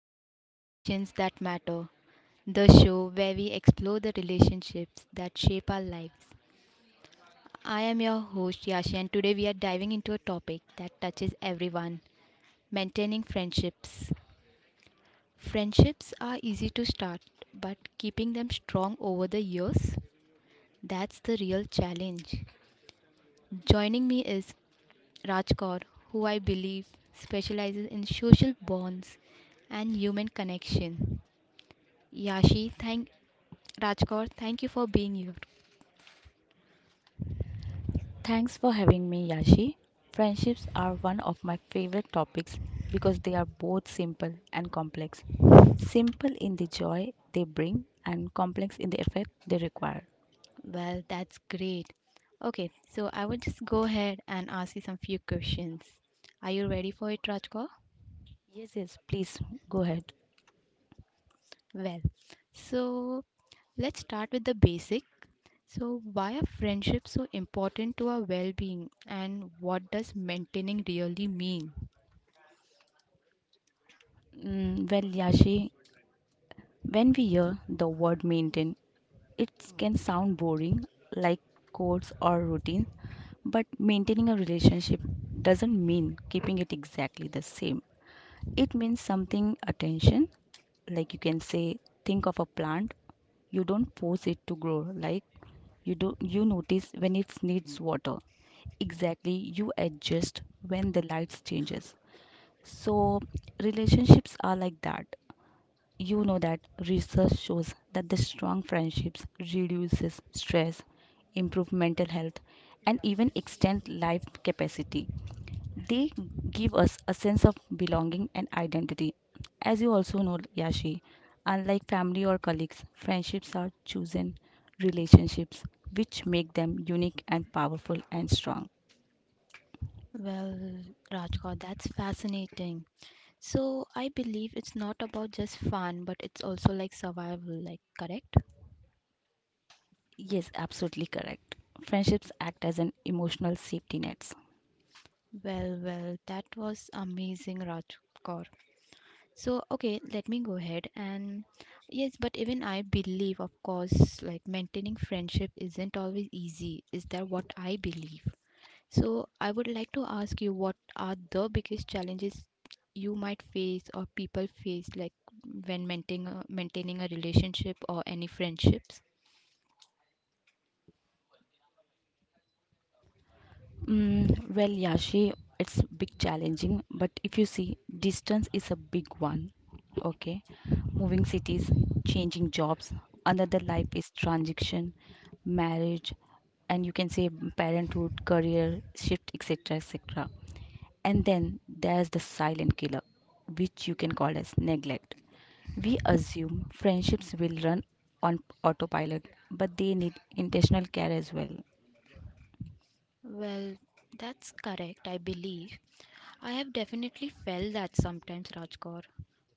Welcome to Connections That Matter, the show where we explore the relationships that shape our lives. I am your host Yashi, and today we are diving into a topic that touches everyone maintaining friendships. Friendships are easy to start, but keeping them strong over the years, that's the real challenge. Joining me is Raj Kaur, who I believe specializes in social bonds and human connection. Yashi, thank Raj Kaur, thank you for being here. Thanks for having me, Yashi. Friendships are one of my favorite topics because they are both simple and complex. Simple in the joy they bring, and complex in the effect they require. Well, that's great. Okay, so I will just go ahead and ask you some few questions. Are you ready for it, Raj Kaur? Yes, yes, please go ahead. Well, so let's start with the basic. So, why are friendships so important to our well being, and what does maintaining really mean? Well, Yashi, when we hear the word maintain, it can sound boring, like codes or routine, but maintaining a relationship doesn't mean keeping it exactly the same. It means something attention, like you can say, think of a plant. You don't force it to grow, like you do. You notice when it needs water. Exactly, you adjust when the lights changes. So relationships are like that. You know that research shows that the strong friendships reduces stress, improve mental health, and even extend life capacity. They give us a sense of belonging and identity. As you also know, Yashi, unlike family or colleagues, friendships are chosen relationships which make them unique and powerful and strong. Well, Rajkot, that's fascinating. So I believe it's not about just fun, but it's also like survival, like correct? Yes, absolutely correct. Friendships act as an emotional safety nets. Well, well, that was amazing, Rajkot. So okay, let me go ahead and yes, but even I believe, of course, like maintaining friendship isn't always easy. Is that what I believe? So, I would like to ask you what are the biggest challenges you might face or people face like when maintaining a relationship or any friendships? Well, Yashi, it's big challenging, but if you see, distance is a big one. Okay, moving cities, changing jobs, another life is transition, marriage, and you can say parenthood, career shift, etc., etc. And then there's the silent killer, which you can call as neglect. We assume friendships will run on autopilot, but they need intentional care as well. Well, that's correct, I believe. I have definitely felt that sometimes, Rajkor.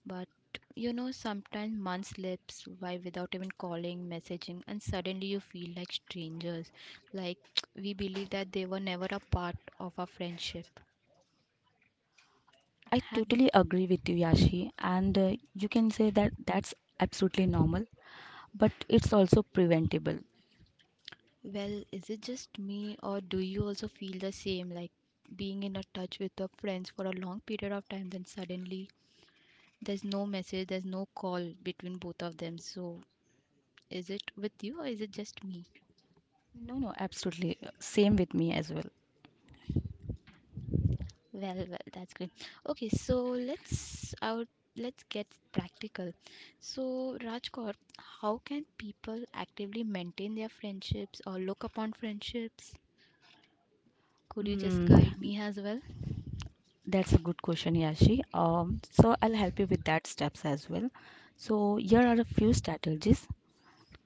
But sometimes months slips by without even calling, messaging, and suddenly you feel like strangers. Like we believe that they were never a part of our friendship. I Have totally agree with you, Yashi, and you can say that that's absolutely normal, but it's also preventable. Well, is it just me, or do you also feel the same, like being in a touch with your friends for a long period of time, then suddenly there's no message, there's no call between both of them? So, is it with you, or is it just me? No, no, absolutely. Same with me as well. Well, well, that's great. Okay, so let's out. Let's get practical. So, Rajkot, how can people actively maintain their friendships or look upon friendships? Could you just Mm, guide me as well? that's a good question, Yashi. So I'll help you with that steps as well. So here are a few strategies: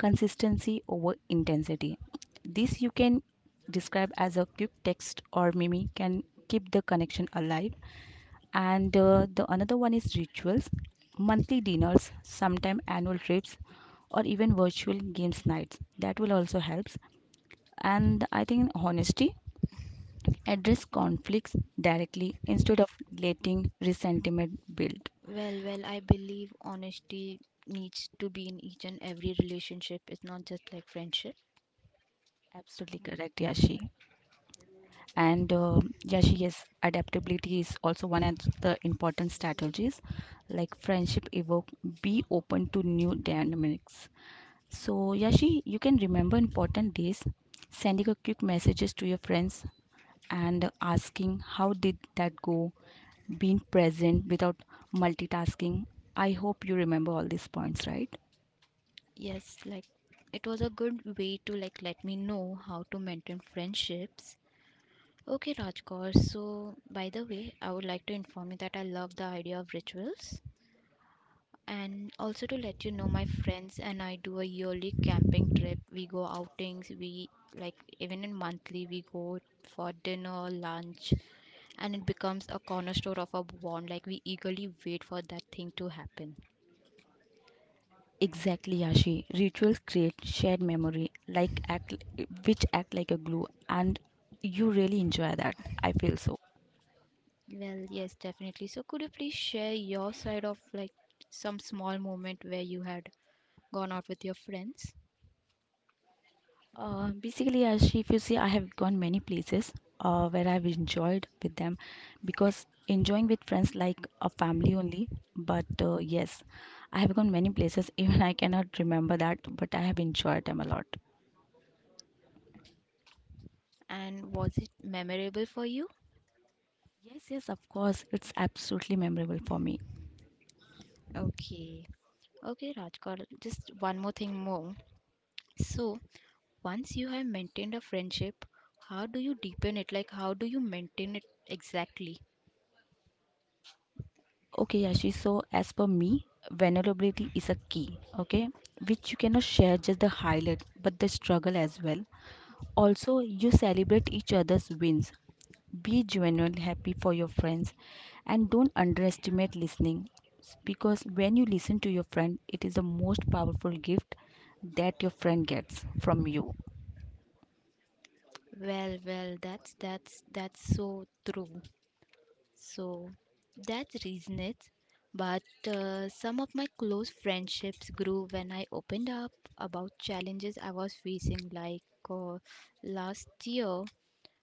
consistency over intensity. This you can describe as a quick text or meme can keep the connection alive, and the another one is rituals, monthly dinners, sometime annual trips, or even virtual games nights that will also helps. And I think honesty, address conflicts directly instead of letting resentment build. Well, well, I believe honesty needs to be in each and every relationship. It's not just like friendship. Absolutely correct, Yashi. And Yashi, yes, adaptability is also one of the important strategies, like friendship evoke, be open to new dynamics. So, Yashi, you can remember important days, sending a quick messages to your friends and asking how did that go, being present without multitasking. I hope you remember all these points, right? Yes, like it was a good way to like let me know how to maintain friendships. Okay, Rajkor. So, by the way, I would like to inform you that I love the idea of rituals. And also to let you know, my friends and I do a yearly camping trip. We go outings, we like even in monthly, we go for dinner, lunch, and it becomes a cornerstone of our bond. Like we eagerly wait for that thing to happen. Exactly, Yashi. Rituals create shared memory, like act, which act like a glue, and you really enjoy that. I feel so. Well, yes, definitely. So could you please share your side of like some small moment where you had gone out with your friends? Basically, Ashi, if you see, I have gone many places where I've enjoyed with them, because enjoying with friends like a family only. But yes, I have gone many places, even I cannot remember that, but I have enjoyed them a lot. And was it memorable for you? Yes, yes, of course, it's absolutely memorable for me. Okay. Okay, Rajkar, just one more thing more. So, once you have maintained a friendship, how do you deepen it? Like how do you maintain it exactly? Okay, Yashi, so as per me, vulnerability is a key, okay, which you cannot share just the highlight but the struggle as well. Also, you celebrate each other's wins, be genuinely happy for your friends, and don't underestimate listening, because when you listen to your friend it is the most powerful gift that your friend gets from you. Well, well, that's so true. So that's reason it. But some of my close friendships grew when I opened up about challenges I was facing. Like uh, last year,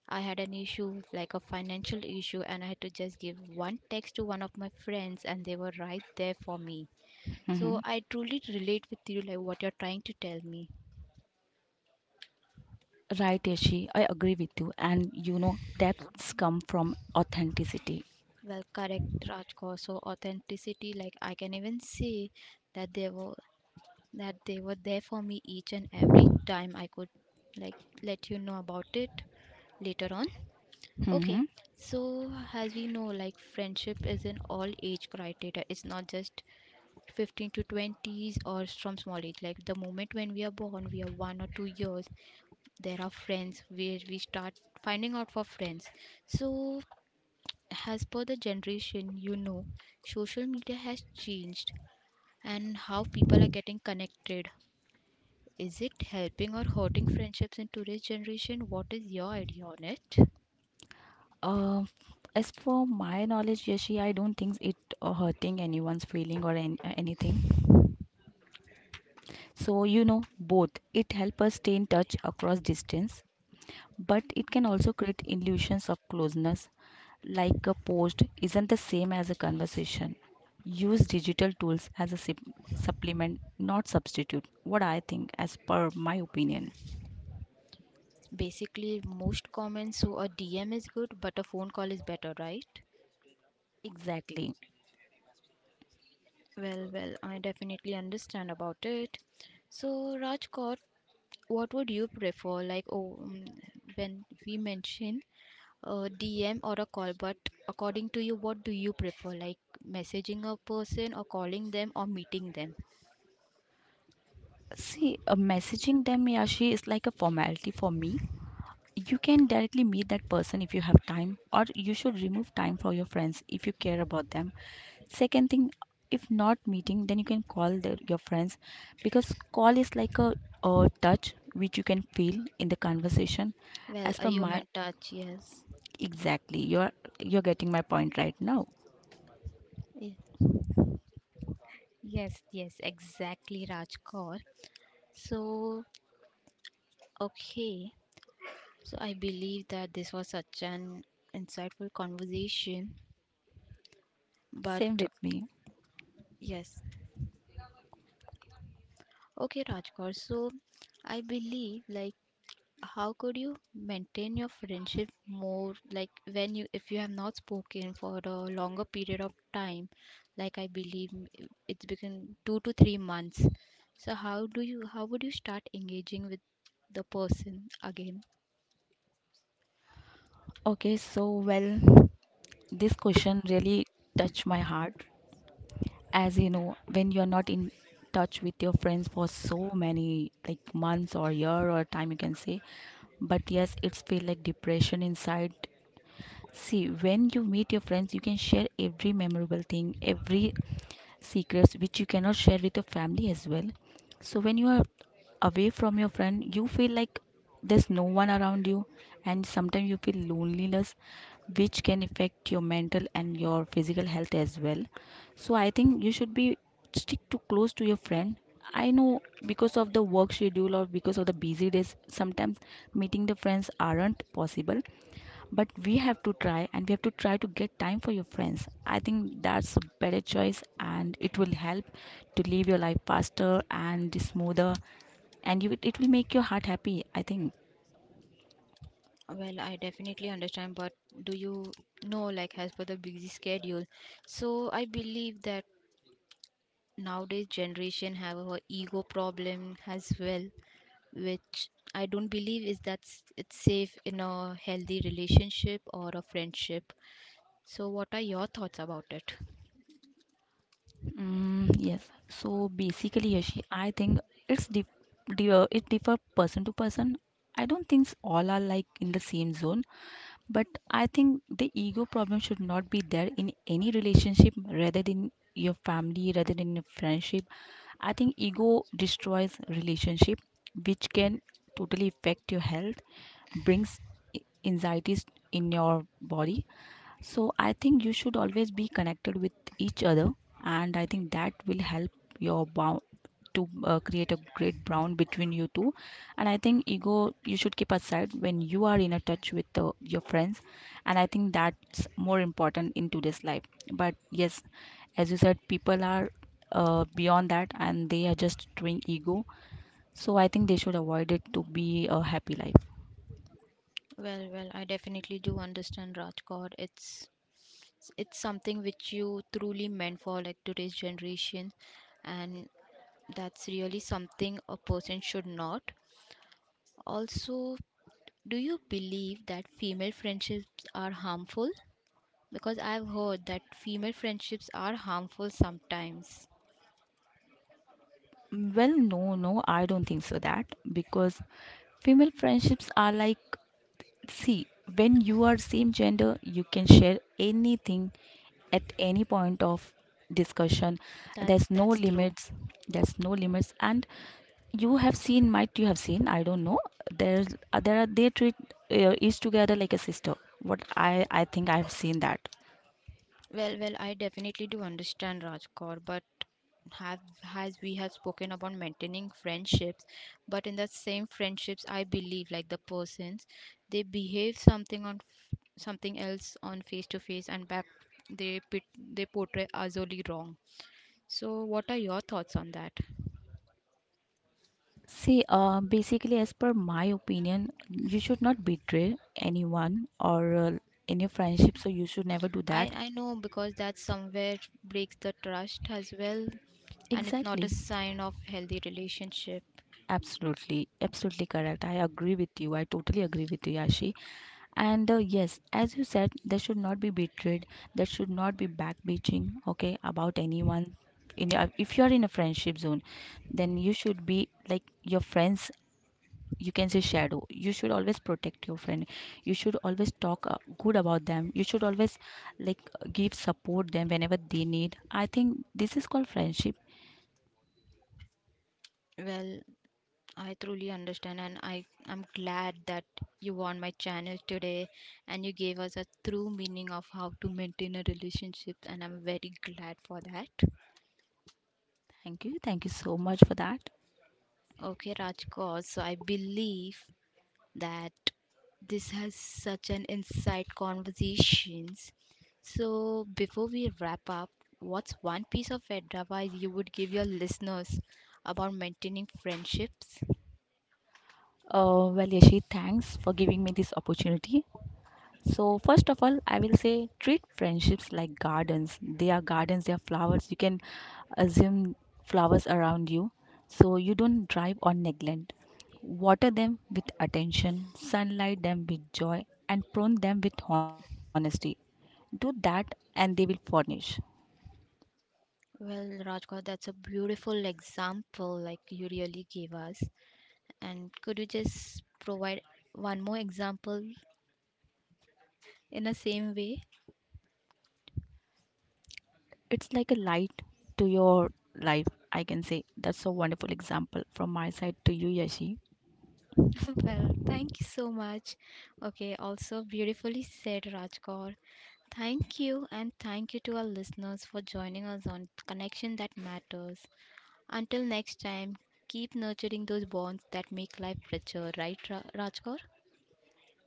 I had an issue, like a financial issue, and I had to just give one text to one of my friends, and they were right there for me. Hmm. So I truly relate with you, like what you're trying to tell me. Right, Yashi, I agree with you, and you know, depths come from authenticity. Well, correct, Rajko. So authenticity, like I can even say that they were that they were there for me each and every time. I could like let you know about it later on. Okay, Hmm. so as we know, like friendship is an all age criteria. It's not just 15 to 20s or from small age. Like the moment when we are born, we are 1 or 2 years, there are friends where we start finding out for friends. So as per the generation, social media has changed and how people are getting connected, is it helping or hurting friendships in today's generation? What is your idea on it? uh, as for my knowledge, Yashi, I don't think it, hurting anyone's feeling or anything. So you know, both, it helps us stay in touch across distance, but it can also create illusions of closeness, like a post isn't the same as a conversation. Use digital tools as a supplement, not substitute. What I think, as per my opinion. Basically most comments, so a DM is good but a phone call is better, right? Exactly. Well, well, I definitely understand about it. So, Rajkot, what would you prefer, like when we mention a DM or a call, but according to you, what do you prefer? Like messaging a person or calling them or meeting them? See, messaging them, Yashi, is like a formality for me. You can directly meet that person if you have time, or you should remove time for your friends if you care about them. Second thing, if not meeting, then you can call their, your friends, because call is like a touch which you can feel in the conversation. Well, As a per my, human touch, yes. exactly, you're getting my point right now. Ye- Yes, yes, exactly, Rajkor. So, okay. So, I believe that this was such an insightful conversation, but Same with me. yes. Okay, Rajkor. So, I believe like how could you maintain your friendship more, like when you, if you have not spoken for a longer period of time, like has been 2 to 3 months. So how do you, how would you start engaging with the person again? Okay, so well, this question really touched my heart. As you know, when you're not in touch with your friends for so many, like, months or year or time, you can say, but yes, it's feel like depression inside. See, when you meet your friends you can share every memorable thing, every secrets which you cannot share with your family as well. So when you are away from your friend, you feel like there's no one around you, and sometimes you feel loneliness, which can affect your mental and your physical health as well. So I think you should be stick to close to your friend. I know because of the work schedule or because of the busy days sometimes meeting the friends aren't possible, but we have to try, and we have to try to get time for your friends. I think that's a better choice and it will help to live your life faster and smoother, and you, it will make your heart happy, I think. Well, I definitely understand, but do you know, like, as per the busy schedule? So I believe that nowadays generation have a ego problem as well, which I don't believe it's safe in a healthy relationship or a friendship. So, what are your thoughts about it? Yes. So basically, Yashi, I think it's it differ person to person. I don't think all are like in the same zone, but I think the ego problem should not be there in any relationship, rather than your family, rather than your friendship. I think ego destroys relationship, which can totally affect your health, brings i- anxieties in your body. So I think you should always be connected with each other, and I think that will help your bound to create a great bond between you two. And I think ego you should keep aside when you are in a touch with your friends, and I think that's more important in today's life. But yes, as you said, people are beyond that, and they are just doing ego. So I think they should avoid it to be a happy life. Well, well, I definitely do understand, Rajkot. It's something which you truly meant for like today's generation, and that's really something a person should not. Also, do you believe that female friendships are harmful? Because I've heard that female friendships are harmful sometimes. Well, no, no, I don't think so that, because female friendships are like, see, when you are same gender you can share anything at any point of discussion. There's no That's true. limits. There's no limits. And you have seen, might you have seen, I don't know, there's there are, they treat each together like a sister. What I think, I have seen that. Well, well, I definitely do understand Rajkor, but have as we have spoken about maintaining friendships, but in that same friendships, I believe like the persons, they behave something on something else on face to face and back they pit, they portray utterly wrong. So, what are your thoughts on that? See, basically, as per my opinion, you should not betray anyone or in your friendship, so you should never do that. I know because that somewhere breaks the trust as well, and it's not Exactly. a sign of healthy relationship. Absolutely. Absolutely correct. I agree with you. I totally agree with you, Yashi. And yes, as you said, there should not be betrayed. There should not be backbeating, okay, about anyone. In a, if you are in a friendship zone, then you should be like your friends, you can say shadow. You should always protect your friend, you should always talk good about them, you should always, like, give support them whenever they need. I think this is called friendship. Well, I truly understand, and I am glad that you were on my channel today and you gave us a true meaning of how to maintain a relationship, and I'm very glad for that. Thank you, thank you so much for that. Okay, Rajkar, so I believe that this has such an insight conversations. So before we wrap up, what's one piece of advice you would give your listeners about maintaining friendships? Well, Yashi, thanks for giving me this opportunity. So, first of all, I will say treat friendships like gardens. They are gardens, they are flowers. You can assume flowers around you. So, you don't drive or neglect. Water them with attention, sunlight them with joy, and prune them with honesty. Do that, and they will furnish. Well, Rajkot, that's a beautiful example like you really gave us. And could you just provide one more example in the same way? It's like a light to your life, I can say. That's a wonderful example from my side to you, Yashi. Well, thank you so much. Okay, also beautifully said, Rajkot. Thank you, and thank you to our listeners for joining us on Connection That Matters. Until next time, keep nurturing those bonds that make life richer, right, Rajkot?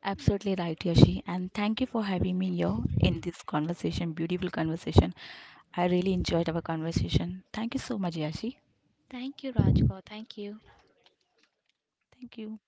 Absolutely right, Yashi. And thank you for having me here in this conversation, beautiful conversation. I really enjoyed our conversation. Thank you so much, Yashi. Thank you, Rajkot. Thank you. Thank you.